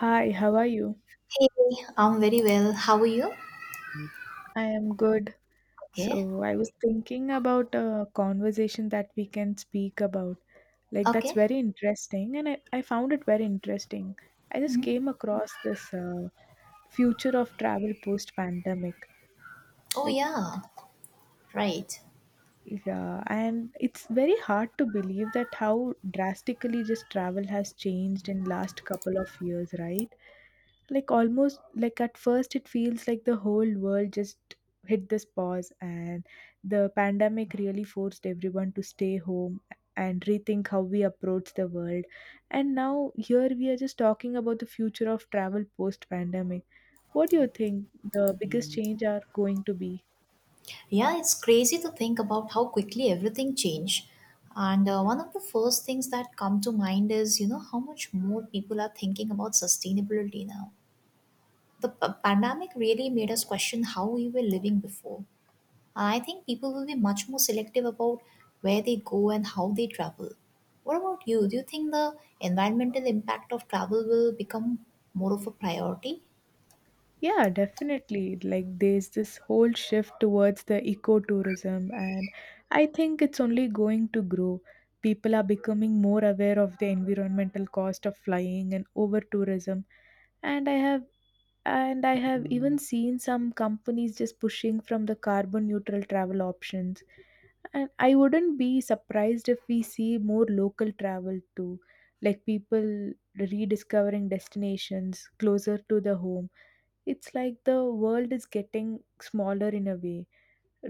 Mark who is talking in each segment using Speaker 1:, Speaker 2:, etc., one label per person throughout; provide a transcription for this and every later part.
Speaker 1: Hi, how are you?
Speaker 2: Hey, I'm very well. How are you?
Speaker 1: I am good.
Speaker 2: Okay.
Speaker 1: So, I was thinking about a conversation that we can speak about. Like, that's
Speaker 2: Okay.
Speaker 1: very interesting, and I found it very interesting. I just
Speaker 2: Mhm.
Speaker 1: came across this future of travel post pandemic.
Speaker 2: Oh,
Speaker 1: Like,
Speaker 2: yeah. Right.
Speaker 1: yeah, and it's very hard to believe that how drastically just travel has changed in last couple of years, right? Like almost like at first it feels like the whole world just hit this pause, and the pandemic really forced everyone to stay home and rethink how we approach the world. And now here we are just talking about the future of travel post pandemic. What do you think the biggest change are going to be?
Speaker 2: Yeah, it's crazy to think about how quickly everything changed. And one of the first things that come to mind is, you know, how much more people are thinking about sustainability now. The pandemic really made us question how we were living before. I think people will be much more selective about where they go and how they travel. What about you? Do you think the environmental impact of travel will become more of a priority?
Speaker 1: Yeah, definitely. Like there's this whole shift towards the ecotourism, and I think it's only going to grow. People are becoming more aware of the environmental cost of flying and over tourism, and I have and I have even seen some companies just pushing from the carbon neutral travel options. And I wouldn't be surprised if we see more local travel too, like people rediscovering destinations closer to the home. It's like the world is getting smaller in a way.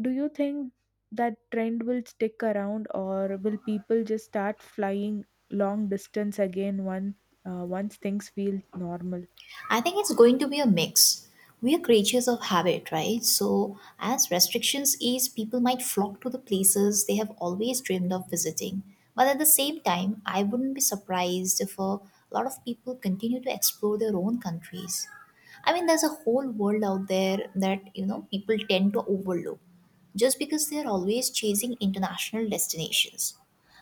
Speaker 1: Do you think that trend will stick around, or will people just start flying long distance again once things feel normal?
Speaker 2: I think it's going to be a mix. We are creatures of habit, right? So, as restrictions ease, people might flock to the places they have always dreamed of visiting. But at the same time, I wouldn't be surprised if a lot of people continue to explore their own countries. I mean, there's a whole world out there that, you know, people tend to overlook just because they're always chasing international destinations.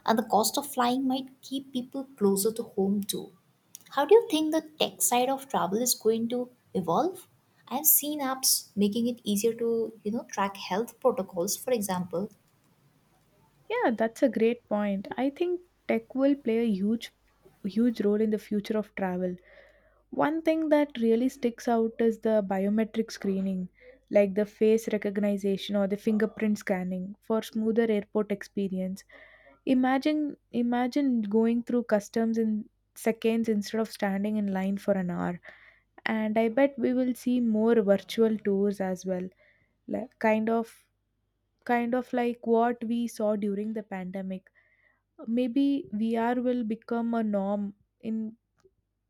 Speaker 2: And the cost of flying might keep people closer to home too. How do you think the tech side of travel is going to evolve? I've seen apps making it easier to, you know, track health protocols, for example.
Speaker 1: Yeah, that's a great point. I think tech will play a huge role in the future of travel. One thing that really sticks out is the biometric screening, like the face recognition or the fingerprint scanning for smoother airport experience. Imagine going through customs in seconds instead of standing in line for an hour. And I bet we will see more virtual tours as well. Like kind of like what we saw during the pandemic. Maybe VR will become a norm in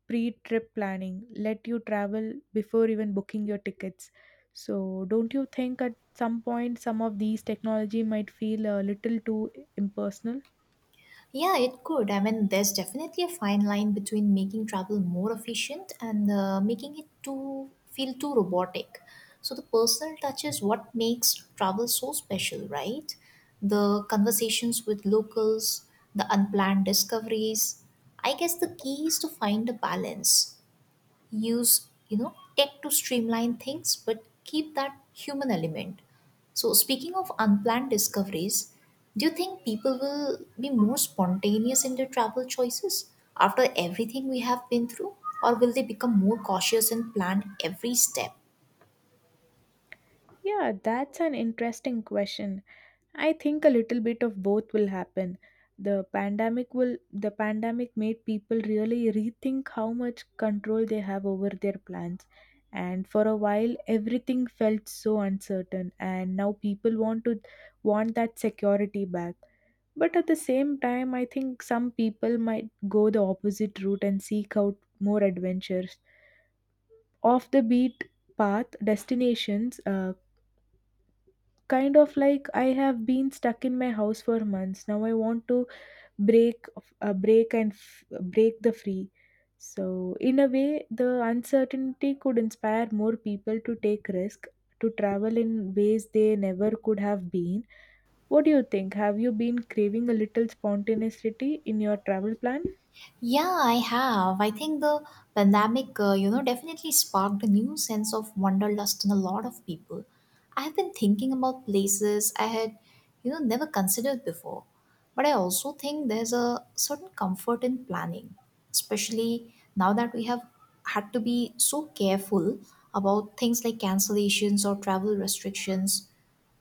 Speaker 1: pre-trip planning, let you travel before even booking your tickets. So don't you think at some point some of these technology might feel a little too impersonal?
Speaker 2: Yeah, it could. I mean, there's definitely a fine line between making travel more efficient and making it too feel too robotic. So the personal touch is what makes travel so special, right? The conversations with locals, the unplanned discoveries. I guess the key is to find a balance, use, you know, tech to streamline things but keep that human element. So, speaking of unplanned discoveries, do you think people will be more spontaneous in their travel choices after everything we have been through, or will they become more cautious and plan every step?
Speaker 1: Yeah, that's an interesting question. I think a little bit of both will happen. The pandemic made people really rethink how much control they have over their plans. And for a while everything felt so uncertain, and now people want to want that security back. But at the same time I think some people might go the opposite route and seek out more adventures. Off the beat path destinations, kind of like I have been stuck in my house for months, now I want to break, break the free. So in a way the uncertainty could inspire more people to take risk, to travel in ways they never could have been. What do you think, have you been craving a little spontaneity in your travel plan?
Speaker 2: Yeah, I have. I think the pandemic, you know, definitely sparked a new sense of wanderlust in a lot of people. I have been thinking about places I had, you know, never considered before. But I also think there's a certain comfort in planning, especially now that we have had to be so careful about things like cancellations or travel restrictions.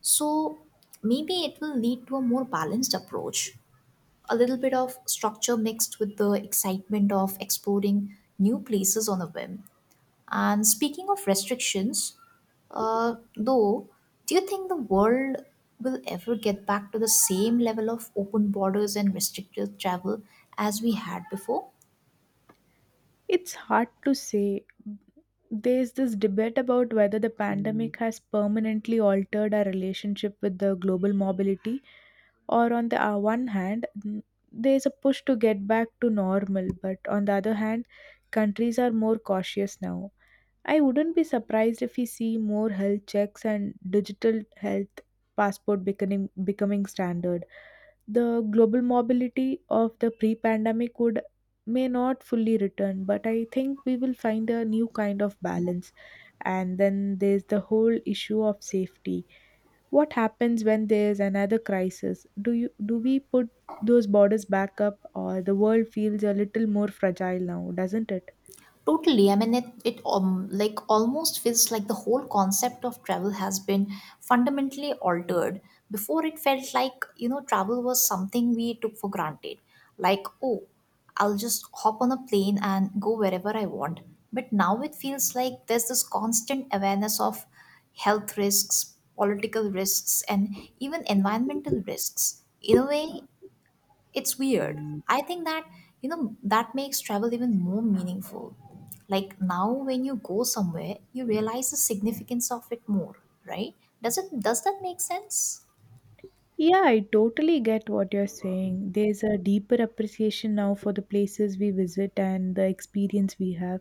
Speaker 2: So maybe it will lead to a more balanced approach, a little bit of structure mixed with the excitement of exploring new places on a whim. And speaking of restrictions, though, do you think the world will ever get back to the same level of open borders and restricted travel as we had before?
Speaker 1: It's hard to say. There's this debate about whether the pandemic has permanently altered our relationship with the global mobility. Or on the one hand there's a push to get back to normal, but on the other hand countries are more cautious now. I wouldn't be surprised if we see more health checks and digital health passport becoming standard. The global mobility of the pre-pandemic would may not fully return, but I think we will find a new kind of balance. And then there's the whole issue of safety. What happens when there's another crisis? Do we put those borders back up, or the world feels a little more fragile now, doesn't it?
Speaker 2: Totally. I mean, it like almost feels like the whole concept of travel has been fundamentally altered. Before, it felt like, you know, travel was something we took for granted. Like, oh, I'll just hop on a plane and go wherever I want. But now it feels like there's this constant awareness of health risks, political risks, and even environmental risks. In a way, it's weird. I think that, you know, that makes travel even more meaningful. Like now when you go somewhere, you realize the significance of it more, right? Does it does that make sense?
Speaker 1: Yeah, I totally get what you're saying. There's a deeper appreciation now for the places we visit and the experience we have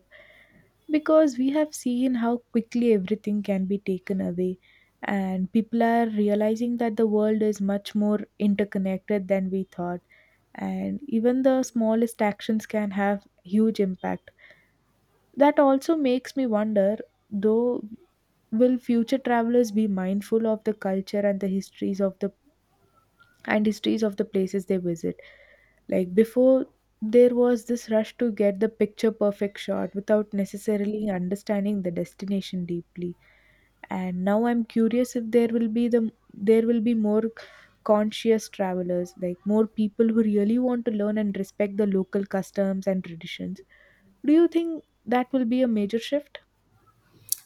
Speaker 1: because we have seen how quickly everything can be taken away. And people are realizing that the world is much more interconnected than we thought. And even the smallest actions can have huge impact. That also makes me wonder, though, will future travelers be mindful of the culture and the histories of the and histories of the places they visit? Like before, there was this rush to get the picture perfect shot without necessarily understanding the destination deeply. And now I'm curious if there will be more conscious travelers, like more people who really want to learn and respect the local customs and traditions. Do you think that will be a major shift?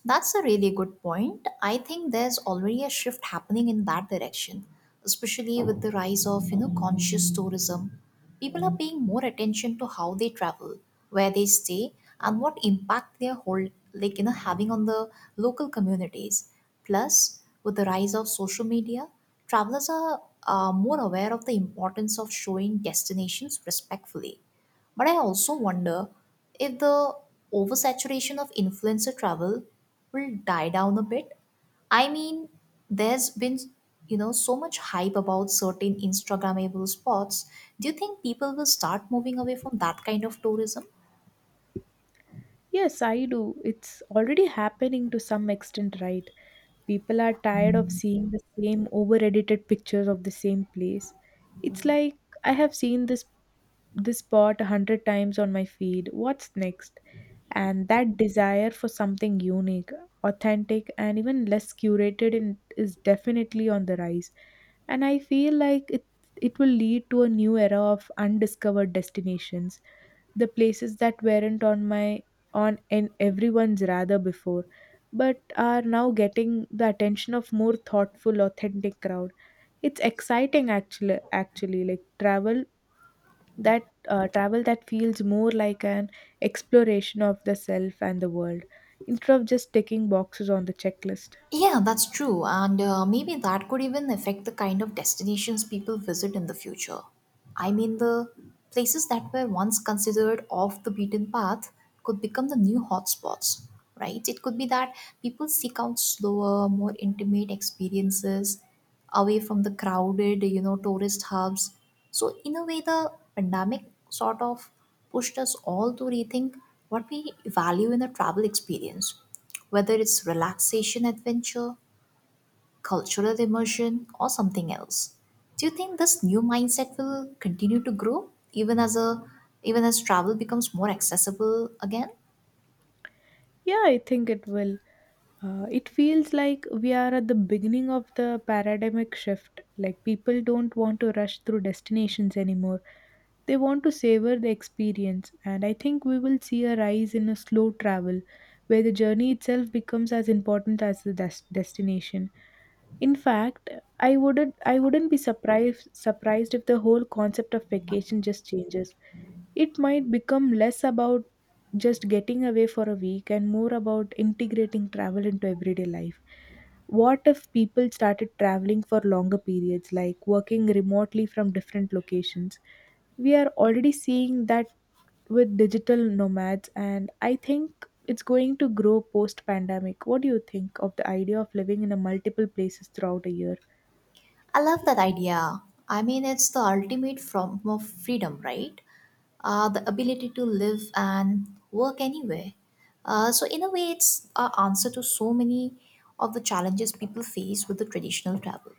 Speaker 2: That's a really good point. I think there's already a shift happening in that direction, especially with the rise of, you know, conscious tourism. People are paying more attention to how they travel, where they stay, and what impact they're hold, like, you know, having on the local communities. Plus, with the rise of social media, travelers are more aware of the importance of showing destinations respectfully. But I also wonder if the oversaturation of influencer travel will die down a bit. I mean, there's been, you know, so much hype about certain Instagrammable spots. Do you think people will start moving away from that kind of tourism?
Speaker 1: Yes, I do. It's already happening to some extent, right? People are tired of seeing the same over-edited pictures of the same place. It's like I have seen this spot a hundred times on my feed. What's next? And that desire for something unique, authentic, and even less curated in, is definitely on the rise. And I feel like it will lead to a new era of undiscovered destinations, the places that weren't on my on in everyone's radar before but are now getting the attention of more thoughtful authentic crowd. It's exciting actually, like that travel that feels more like an exploration of the self and the world instead of just ticking boxes on the checklist.
Speaker 2: Yeah, that's true. And maybe that could even affect the kind of destinations people visit in the future. I mean, the places that were once considered off the beaten path could become the new hotspots, right? It could be that people seek out slower, more intimate experiences away from the crowded, you know, tourist hubs. So, in a way, the pandemic sort of pushed us all to rethink what we value in a travel experience, whether it's relaxation, adventure, cultural immersion, or something else. Do you think this new mindset will continue to grow even as travel becomes more accessible again?
Speaker 1: Yeah, I think it will. It feels like we are at the beginning of the paradigmic shift. Like people don't want to rush through destinations anymore. They want to savor the experience, and I think we will see a rise in a slow travel where the journey itself becomes as important as the destination. In fact, I wouldn't be surprised if the whole concept of vacation just changes. It might become less about just getting away for a week and more about integrating travel into everyday life. What if people started traveling for longer periods, like working remotely from different locations? We are already seeing that with digital nomads, and I think it's going to grow post pandemic. What do you think of the idea of living in a multiple places throughout a year?
Speaker 2: I love that idea. I mean, it's the ultimate form of freedom, right? The ability to live and work anywhere. So, in a way, it's an answer to so many of the challenges people face with the traditional travel.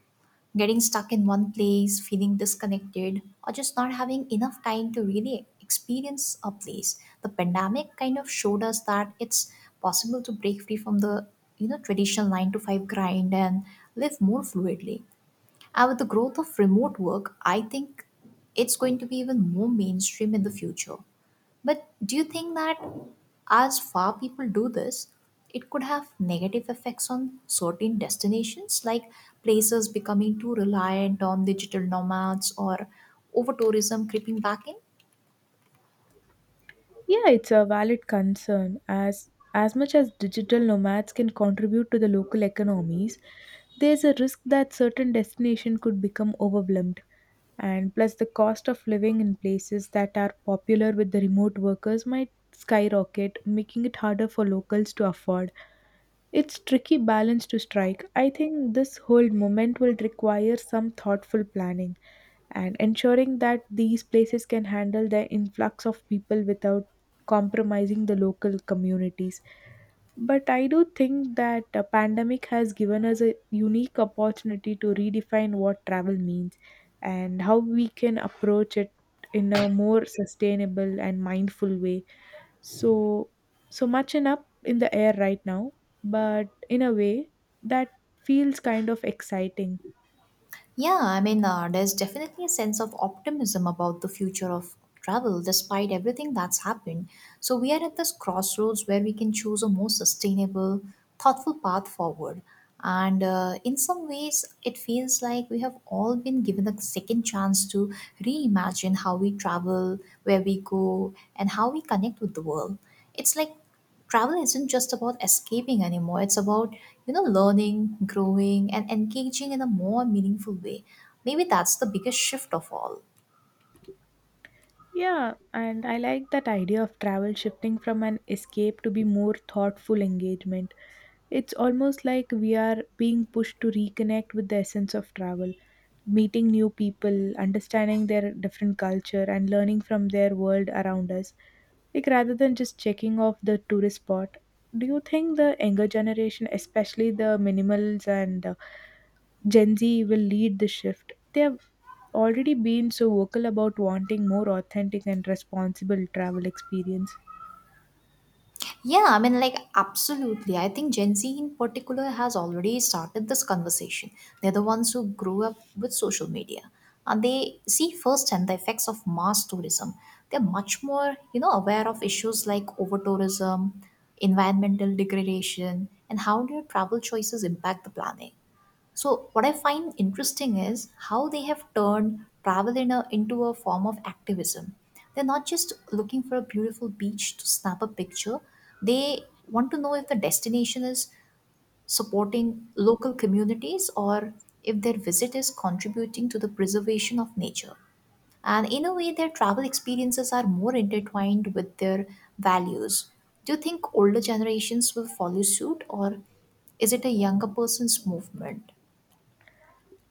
Speaker 2: Getting stuck in one place, feeling disconnected, or just not having enough time to really experience a place. The pandemic kind of showed us that it's possible to break free from the, you know, traditional nine to five grind and live more fluidly, and with the growth of remote work, I think it's going to be even more mainstream in the future. But do you think that as far people do this, it could have negative effects on certain destinations, like places becoming too reliant on digital nomads or over tourism creeping back in?
Speaker 1: Yeah, it's a valid concern. As much as digital nomads can contribute to the local economies, there's a risk that certain destination could become overwhelmed. And plus the cost of living in places that are popular with the remote workers might skyrocket, making it harder for locals to afford. It's tricky balance to strike. I think this whole moment will require some thoughtful planning and ensuring that these places can handle the influx of people without compromising the local communities. But I do think that a pandemic has given us a unique opportunity to redefine what travel means and how we can approach it in a more sustainable and mindful way. So so much in up in the air right now, but in a way that feels kind of exciting.
Speaker 2: Yeah, I mean, there's definitely a sense of optimism about the future of travel despite everything that's happened. So, we are at this crossroads where we can choose a more sustainable, thoughtful path forward. And in some ways, it feels like we have all been given a second chance to reimagine how we travel, where we go, and how we connect with the world. It's like travel isn't just about escaping anymore, it's about, you know, learning, growing and engaging in a more meaningful way. Maybe that's the biggest shift of all.
Speaker 1: Yeah, and I like that idea of travel shifting from an escape to be more thoughtful engagement. It's almost like we are being pushed to reconnect with the essence of travel, meeting new people, understanding their different culture, and learning from their world around us. Like rather than just checking off the tourist spot, do you think the younger generation, especially the minimals and Gen Z, will lead the shift? They have already been so vocal about wanting more authentic and responsible travel experience.
Speaker 2: Yeah, I mean, like, absolutely, I think Gen Z in particular has already started this conversation. They're the ones who grew up with social media, and they see firsthand the effects of mass tourism. They're much more, you know, aware of issues like over tourism, environmental degradation, and how their travel choices impact the planet. So, what I find interesting is how they have turned travel into a form of activism. They're not just looking for a beautiful beach to snap a picture, they want to know if the destination is supporting local communities or if their visit is contributing to the preservation of nature. And in a way, their travel experiences are more intertwined with their values. Do you think older generations will follow suit, or is it a younger person's movement?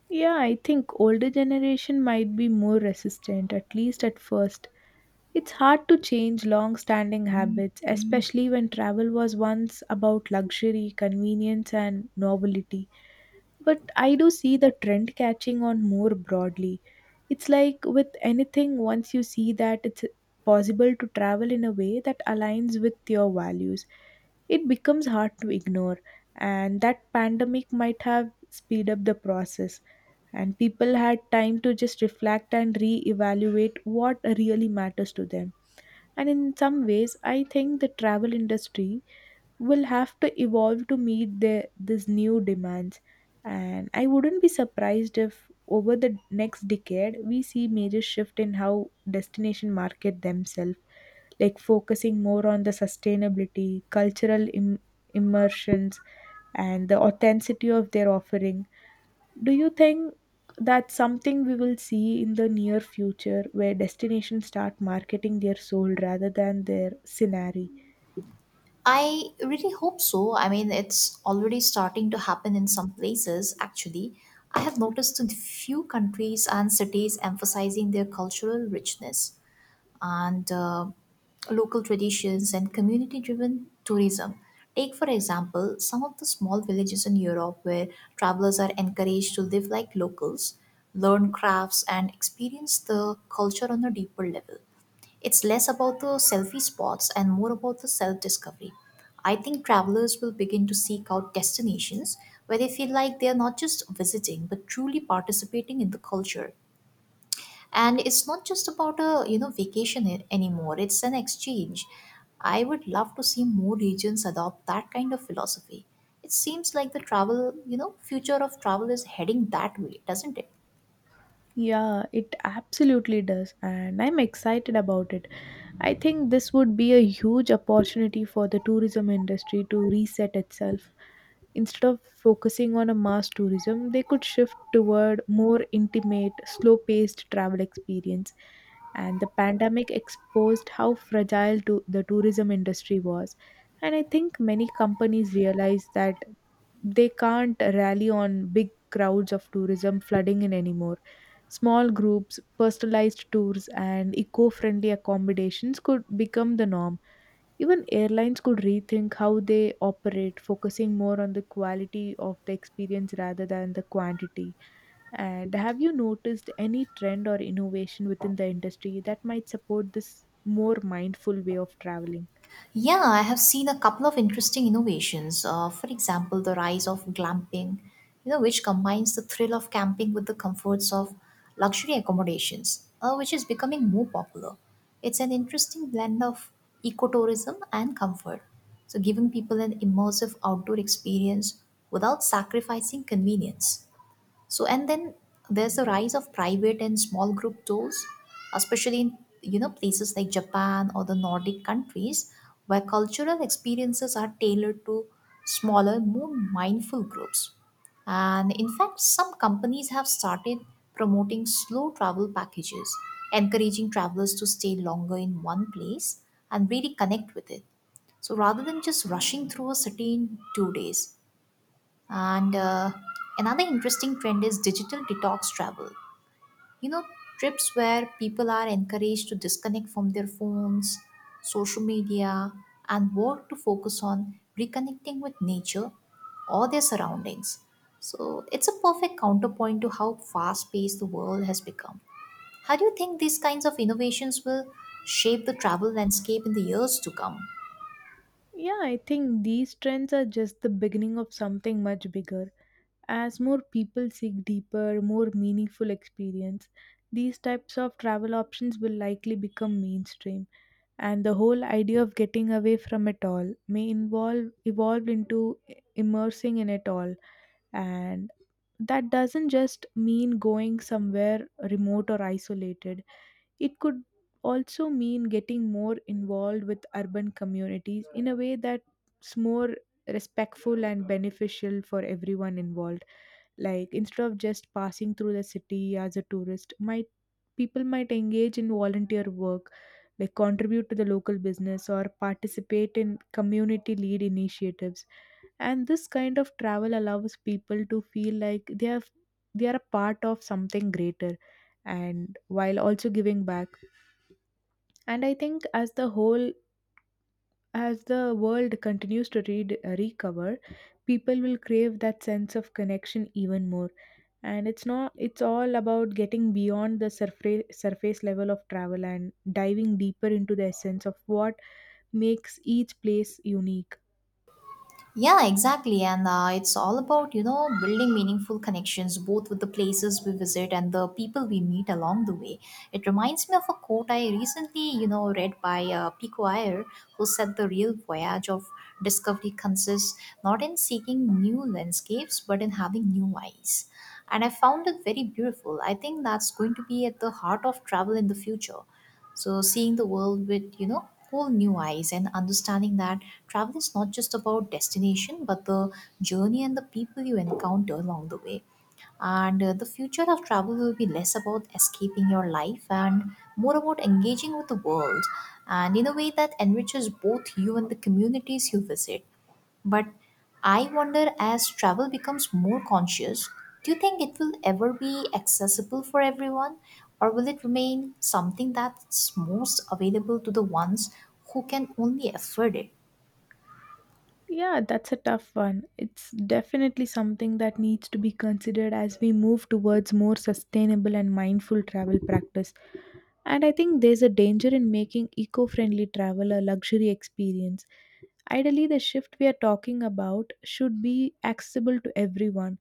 Speaker 1: Yeah, I think older generation might be more resistant, at least at first. It's hard to change long-standing habits, especially when travel was once about luxury, convenience, and novelty. But I do see the trend catching on more broadly. It's like with anything, once you see that it's possible to travel in a way that aligns with your values, it becomes hard to ignore. And that pandemic might have speed up the process, and people had time to just reflect and re-evaluate what really matters to them. And in some ways I think the travel industry will have to evolve to meet these new demands. And I wouldn't be surprised if over the next decade we see major shift in how destination market themselves, like focusing more on the sustainability cultural immersions and the authenticity of their offering. Do you think that's something we will see in the near future where destinations start marketing their soul rather than their scenery?
Speaker 2: I really hope so. I mean, it's already starting to happen in some places, actually. I have noticed in few countries and cities emphasizing their cultural richness and local traditions and community driven tourism. Take, for example, some of the small villages in Europe where travelers are encouraged to live like locals, learn crafts, and experience the culture on a deeper level. It's less about the selfie spots and more about the self discovery. I think travelers will begin to seek out destinations where they feel like they are not just visiting but truly participating in the culture. And it's not just about a, you know, vacation anymore. It's an exchange. I would love to see more regions adopt that kind of philosophy. It seems like the travel you know future of travel is heading that way, doesn't it?
Speaker 1: Yeah, it absolutely does, and I'm excited about it. I think this would be a huge opportunity for the tourism industry to reset itself. Instead of focusing on a mass tourism, they could shift toward more intimate, slow paced travel experience. And the pandemic exposed how fragile to the tourism industry was. And I think many companies realize that they can't rally on big crowds of tourism flooding in anymore. Small groups, personalized tours, and eco friendly accommodations could become the norm. Even airlines could rethink how they operate, focusing more on the quality of the experience rather than the quantity. And have you noticed any trend or innovation within the industry that might support this more mindful way of traveling?
Speaker 2: Yeah, I have seen a couple of interesting innovations. For example, the rise of glamping, you know, which combines the thrill of camping with the comforts of luxury accommodations, which is becoming more popular. It's an interesting blend of ecotourism and comfort, so giving people an immersive outdoor experience without sacrificing convenience. So, and then there's the rise of private and small group tours, especially in, you know, places like Japan or the Nordic countries where cultural experiences are tailored to smaller, more mindful groups. And in fact, some companies have started promoting slow travel packages, encouraging travelers to stay longer in one place and really connect with it. So rather than just rushing through a city in 2 days, and another interesting trend is digital detox travel. You know, trips where people are encouraged to disconnect from their phones, social media, and work to focus on reconnecting with nature or their surroundings. So it's a perfect counterpoint to how fast paced the world has become. How do you think these kinds of innovations will shape the travel landscape in the years to come?
Speaker 1: Yeah, I think these trends are just the beginning of something much bigger. As more people seek deeper, more meaningful experience, these types of travel options will likely become mainstream, and the whole idea of getting away from it all may involve evolve into immersing in it all. And that doesn't just mean going somewhere remote or isolated. It could also mean getting more involved with urban communities in a way that's more respectful and beneficial for everyone involved. Like, instead of just passing through the city as a tourist, might people might engage in volunteer work, like contribute to the local business or participate in community lead initiatives. And this kind of travel allows people to feel like they are a part of something greater, and while also giving back. And I think as the whole as the world continues to recover, people will crave that sense of connection even more. And it's not it's all about getting beyond the surface level of travel and diving deeper into the essence of what makes each place unique.
Speaker 2: Yeah, exactly. And it's all about, you know, building meaningful connections both with the places we visit and the people we meet along the way. It reminds me of a quote I recently, you know, read by Pico Iyer, who said the real voyage of discovery consists not in seeking new landscapes, but in having new eyes. And I found it very beautiful. I think that's going to be at the heart of travel in the future, so seeing the world with whole new eyes and understanding that travel is not just about destination but the journey and the people you encounter along the way. And the future of travel will be less about escaping your life and more about engaging with the world and in a way that enriches both you and the communities you visit. But I wonder, as travel becomes more conscious, do you think it will ever be accessible for everyone, or will it remain something that's most available to the ones who can only afford it?
Speaker 1: Yeah, that's a tough one. It's definitely something that needs to be considered as we move towards more sustainable and mindful travel practice. And I think there's a danger in making eco friendly travel a luxury experience. Ideally, the shift we are talking about should be accessible to everyone,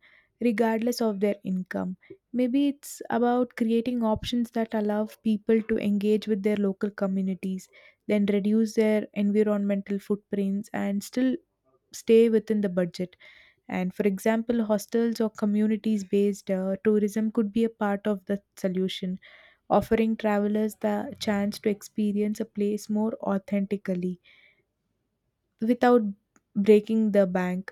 Speaker 1: regardless of their income. Maybe it's about creating options that allow people to engage with their local communities, then reduce their environmental footprints, and still stay within the budget. And for example, hostels or communities based tourism could be a part of the solution, offering travelers the chance to experience a place more authentically without breaking the bank.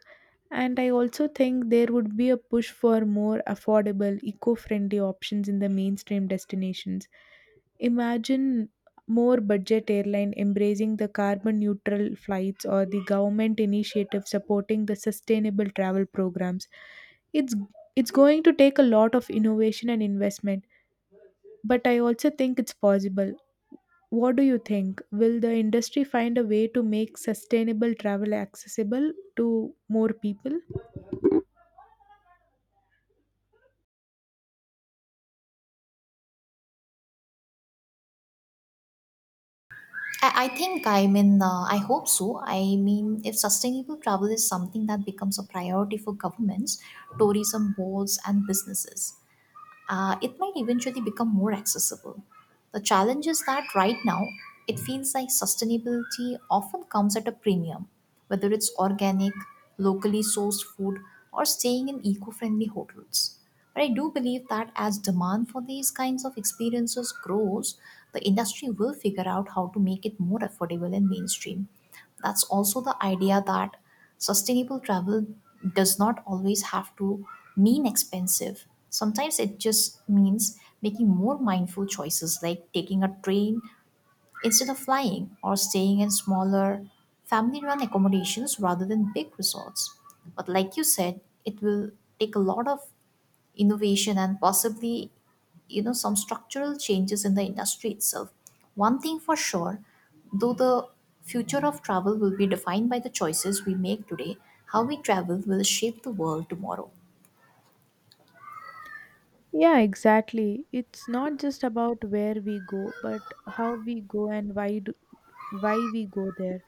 Speaker 1: And I also think there would be a push for more affordable, eco friendly options in the mainstream destinations. Imagine more budget airline embracing the carbon neutral flights or the government initiative supporting the sustainable travel programs. it's it's going to take a lot of innovation and investment, but I also think it's possible. What do you think? Will the industry find a way to make sustainable travel accessible to more people?
Speaker 2: I think, I mean, I hope so. I mean, if sustainable travel is something that becomes a priority for governments, tourism boards, and businesses, uh, it might eventually become more accessible. The challenge is that right now, it feels like sustainability often comes at a premium, whether it's organic, locally sourced food, or staying in eco friendly hotels. But I do believe that as demand for these kinds of experiences grows, the industry will figure out how to make it more affordable and mainstream. That's also the idea that sustainable travel does not always have to mean expensive. Sometimes it just means making more mindful choices, like taking a train instead of flying or staying in smaller family run accommodations rather than big resorts. But like you said, it will take a lot of innovation and possibly, some structural changes in the industry itself. One thing for sure, though, the future of travel will be defined by the choices we make today. How we travel will shape the world tomorrow.
Speaker 1: Yeah, exactly. It's not just about where we go, but how we go and why we go there.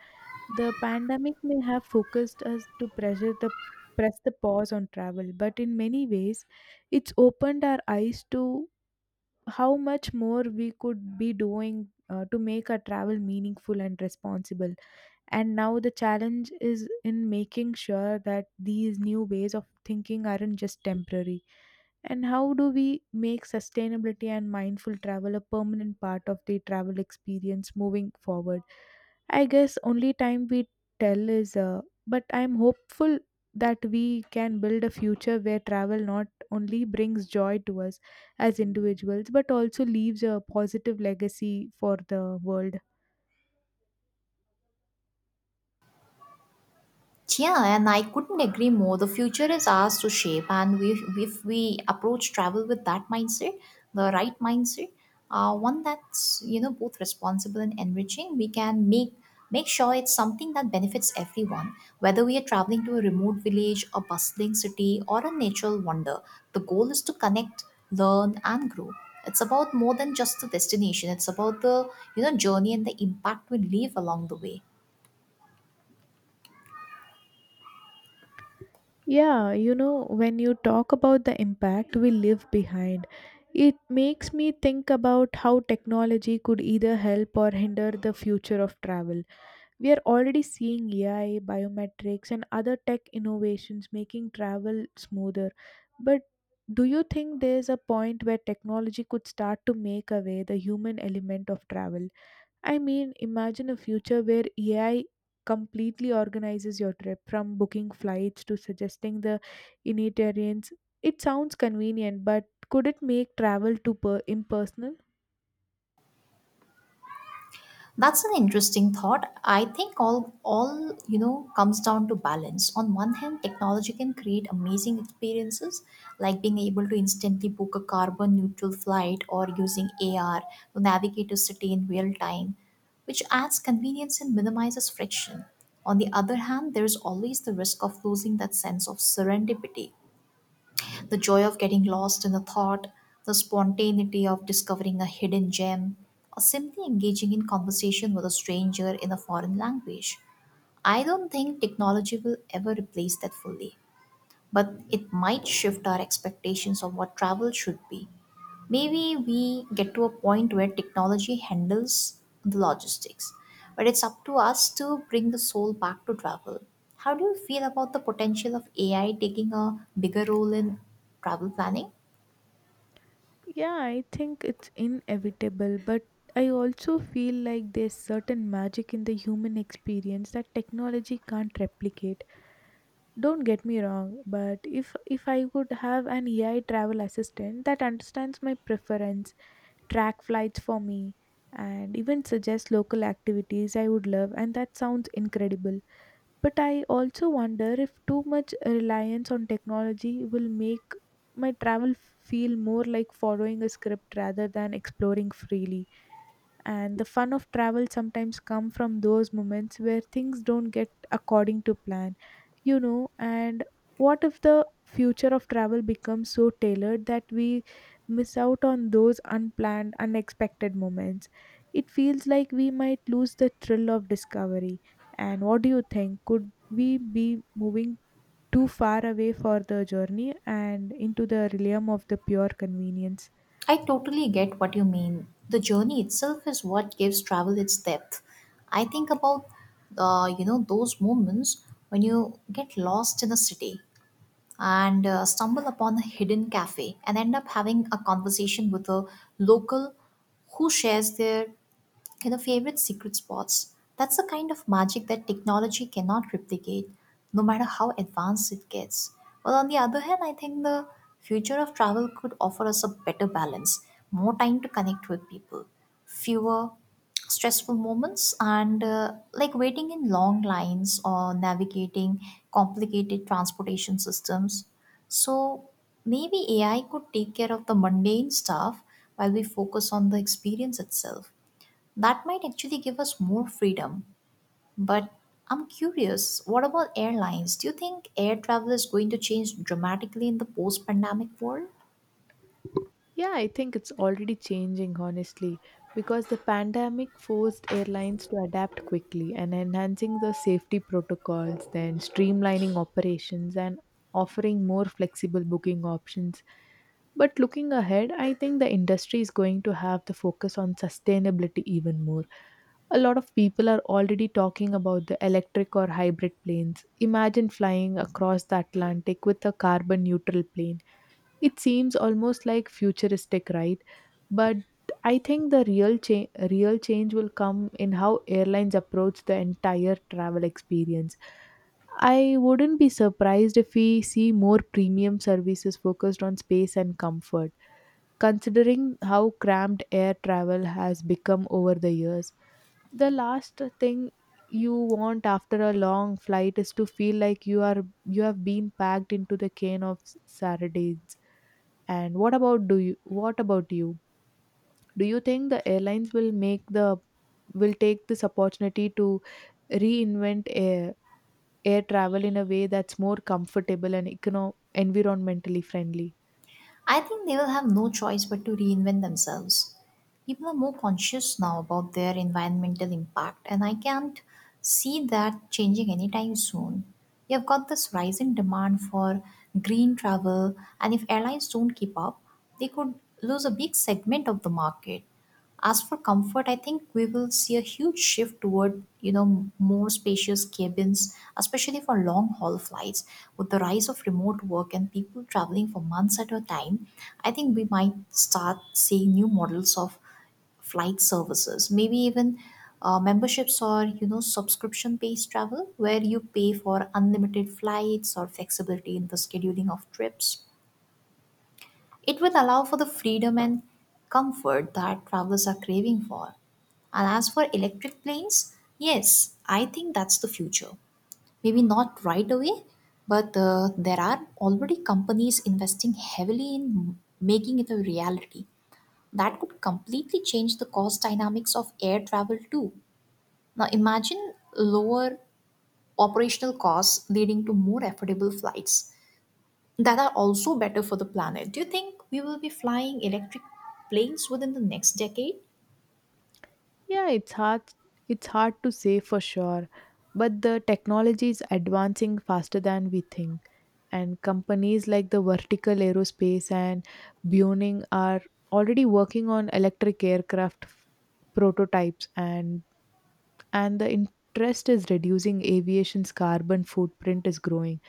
Speaker 1: The pandemic may have focused us to press the pause on travel, but in many ways, it's opened our eyes to how much more we could be doing to make our travel meaningful and responsible. And now the challenge is in making sure that these new ways of thinking aren't just temporary. And how do we make sustainability and mindful travel a permanent part of the travel experience moving forward? I guess only time we tell but I'm hopeful that we can build a future where travel not only brings joy to us as individuals but also leaves a positive legacy for the world.
Speaker 2: Yeah, and I couldn't agree more. The future is ours to shape, and if we approach travel with that mindset, the right mindset, one that's both responsible and enriching, we can make sure it's something that benefits everyone. Whether we are traveling to a remote village, a bustling city, or a natural wonder, the goal is to connect, learn, and grow. It's about more than just the destination. It's about the, journey and the impact we leave along the way.
Speaker 1: Yeah, you know, when you talk about the impact we leave behind, it makes me think about how technology could either help or hinder the future of travel. We are already seeing AI, biometrics, and other tech innovations making travel smoother. But do you think there's a point where technology could start to make away the human element of travel? I mean, imagine a future where AI completely organizes your trip from booking flights to suggesting the itineraries. It sounds convenient, but could it make travel too impersonal?
Speaker 2: That's an interesting thought. I think all comes down to balance. On one hand, technology can create amazing experiences, like being able to instantly book a carbon neutral flight or using AR to navigate a city in real time, which adds convenience and minimizes friction. On the other hand, there is always the risk of losing that sense of serendipity, the joy of getting lost in the thought, the spontaneity of discovering a hidden gem, or simply engaging in conversation with a stranger in a foreign language. I don't think technology will ever replace that fully, but it might shift our expectations of what travel should be. Maybe we get to a point where technology handles the logistics, but it's up to us to bring the soul back to travel. How do you feel about the potential of AI taking a bigger role in travel planning?
Speaker 1: Yeah, I think it's inevitable, but I also feel like there's certain magic in the human experience that technology can't replicate. Don't get me wrong, but if I could have an AI travel assistant that understands my preference, track flights for me, and even suggest local activities I would love, and that sounds incredible. But I also wonder if too much reliance on technology will make my travel feel more like following a script rather than exploring freely. And the fun of travel sometimes come from those moments where things don't get according to plan, you know. And what if the future of travel becomes so tailored that we miss out on those unplanned, unexpected moments? It feels like we might lose the thrill of discovery. And what do you think? Could we be moving too far away for the journey and into the realm of the pure convenience?
Speaker 2: I totally get what you mean. The journey itself is what gives travel its depth. I think about those moments when you get lost in a city and stumble upon a hidden cafe and end up having a conversation with a local who shares their favorite secret spots. That's the kind of magic that technology cannot replicate, no matter how advanced it gets. Well, on the other hand, I think the future of travel could offer us a better balance, more time to connect with people, fewer stressful moments, and like waiting in long lines or navigating complicated transportation systems. So maybe AI could take care of the mundane stuff while we focus on the experience itself. That might actually give us more freedom. But I'm curious, what about airlines? Do you think air travel is going to change dramatically in the post pandemic world?
Speaker 1: Yeah, I think it's already changing, honestly, because the pandemic forced airlines to adapt quickly and enhancing the safety protocols, then streamlining operations and offering more flexible booking options. But looking ahead, I think the industry is going to have the focus on sustainability even more. A lot of people are already talking about the electric or hybrid planes. Imagine flying across the Atlantic with a carbon neutral plane. It seems almost like futuristic, right? But I think the real change will come in how airlines approach the entire travel experience. I wouldn't be surprised if we see more premium services focused on space and comfort, considering how cramped air travel has become over the years. The last thing you want after a long flight is to feel like you have been packed into the cane of sardines. And what about you? Do you think the airlines will make the will take this opportunity to reinvent air travel in a way that's more comfortable and environmentally friendly?
Speaker 2: I think they will have no choice but to reinvent themselves. People are more conscious now about their environmental impact, and I can't see that changing anytime soon. You have got this rising demand for green travel, and if airlines don't keep up, they could lose a big segment of the market. As for comfort, I think we will see a huge shift toward, you know, more spacious cabins, especially for long haul flights. With the rise of remote work and people traveling for months at a time, I think we might start seeing new models of flight services, maybe even, memberships or, subscription based travel where you pay for unlimited flights or flexibility in the scheduling of trips. It will allow for the freedom and comfort that travelers are craving for. And as for electric planes, yes, I think that's the future. Maybe not right away, but there are already companies investing heavily in making it a reality. That could completely change the cost dynamics of air travel too. Now imagine lower operational costs leading to more affordable flights that are also better for the planet. Do you think we will be flying electric planes within the next decade?
Speaker 1: Yeah, it's hard to say for sure, but the technology is advancing faster than we think. And companies like the Vertical Aerospace and Boeing are already working on electric aircraft prototypes, and the interest is reducing aviation's carbon footprint is growing.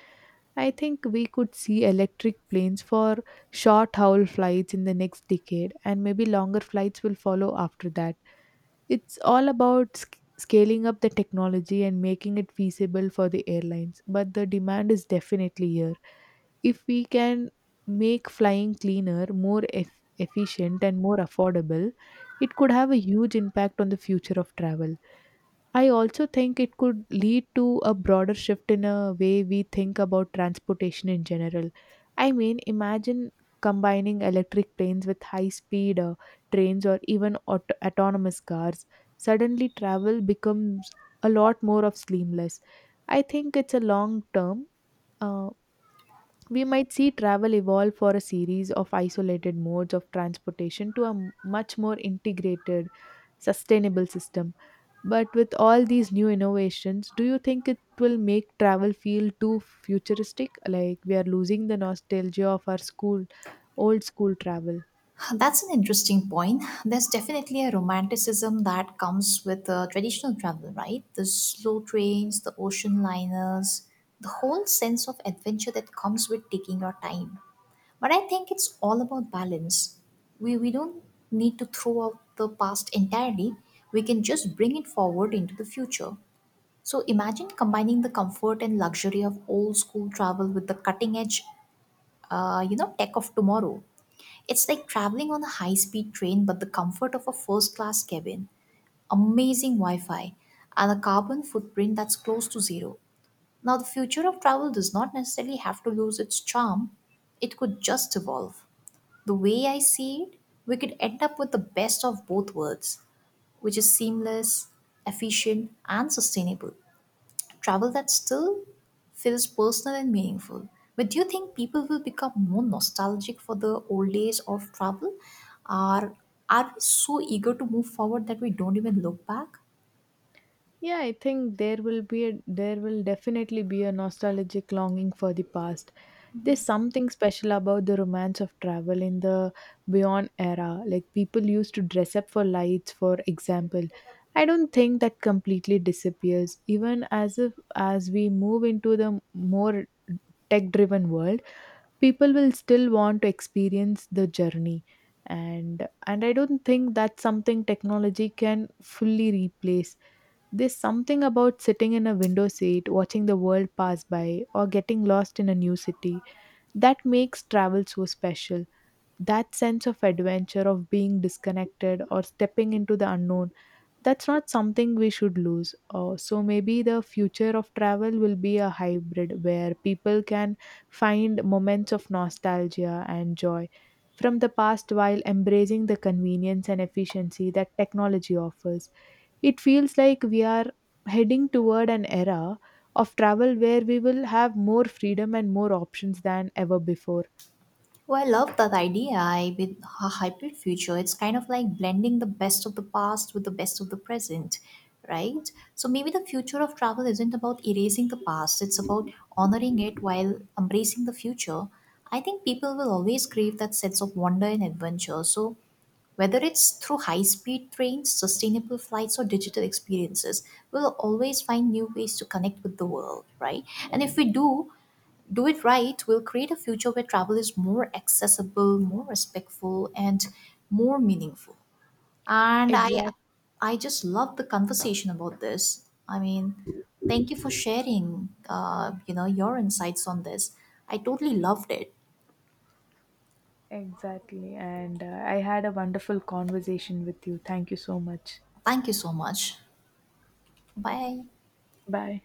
Speaker 1: I think we could see electric planes for short haul flights in the next decade, and maybe longer flights will follow after that. It's all about scaling up the technology and making it feasible for the airlines, but the demand is definitely here. If we can make flying cleaner, more efficient, and more affordable, it could have a huge impact on the future of travel. I also think it could lead to a broader shift in a way we think about transportation in general. I mean, imagine combining electric planes with high speed trains or even autonomous cars. Suddenly, travel becomes a lot more of seamless. I think it's a long term. Uh, we might see travel evolve for a series of isolated modes of transportation to a much more integrated, sustainable system. But with all these new innovations, do you think it will make travel feel too futuristic? Like we are losing the nostalgia of old school travel.
Speaker 2: That's an interesting point. There's definitely a romanticism that comes with traditional travel, right? The slow trains, the ocean liners, the whole sense of adventure that comes with taking your time. But I think it's all about balance. We don't need to throw out the past entirely, we can just bring it forward into the future. So imagine combining the comfort and luxury of old school travel with the cutting edge, tech of tomorrow. It's like traveling on a high speed train, but the comfort of a first class cabin, amazing Wi Fi, and a carbon footprint that's close to zero. Now, the future of travel does not necessarily have to lose its charm, it could just evolve. The way I see it, we could end up with the best of both worlds, which is seamless, efficient, and sustainable travel that still feels personal and meaningful. But do you think people will become more nostalgic for the old days of travel? Or are we so eager to move forward that we don't even look back?
Speaker 1: Yeah, I think there will definitely be a nostalgic longing for the past. There's something special about the romance of travel in the Beyond era. Like people used to dress up for lights, for example. I don't think that completely disappears. Even as if as we move into the more tech-driven world, people will still want to experience the journey. And I don't think that's something technology can fully replace. There's something about sitting in a window seat, watching the world pass by, or getting lost in a new city that makes travel so special. That sense of adventure, of being disconnected or stepping into the unknown, that's not something we should lose. So maybe the future of travel will be a hybrid where people can find moments of nostalgia and joy from the past while embracing the convenience and efficiency that technology offers. It feels like we are heading toward an era of travel where we will have more freedom and more options than ever before.
Speaker 2: Well, I love that idea, I- with a hybrid future. It's kind of like blending the best of the past with the best of the present, right? So maybe the future of travel isn't about erasing the past, it's about honoring it while embracing the future. I think people will always crave that sense of wonder and adventure. So whether it's through high speed trains, sustainable flights, or digital experiences, we'll always find new ways to connect with the world, right? And if we do it right, we'll create a future where travel is more accessible, more respectful, and more meaningful. And
Speaker 1: Exact,
Speaker 2: I just love the conversation about this. I mean, thank you for sharing, your insights on this. I totally loved it.
Speaker 1: exactly. And I had a wonderful conversation with you. Thank you so much.
Speaker 2: Thank you so much. Bye.
Speaker 1: Bye.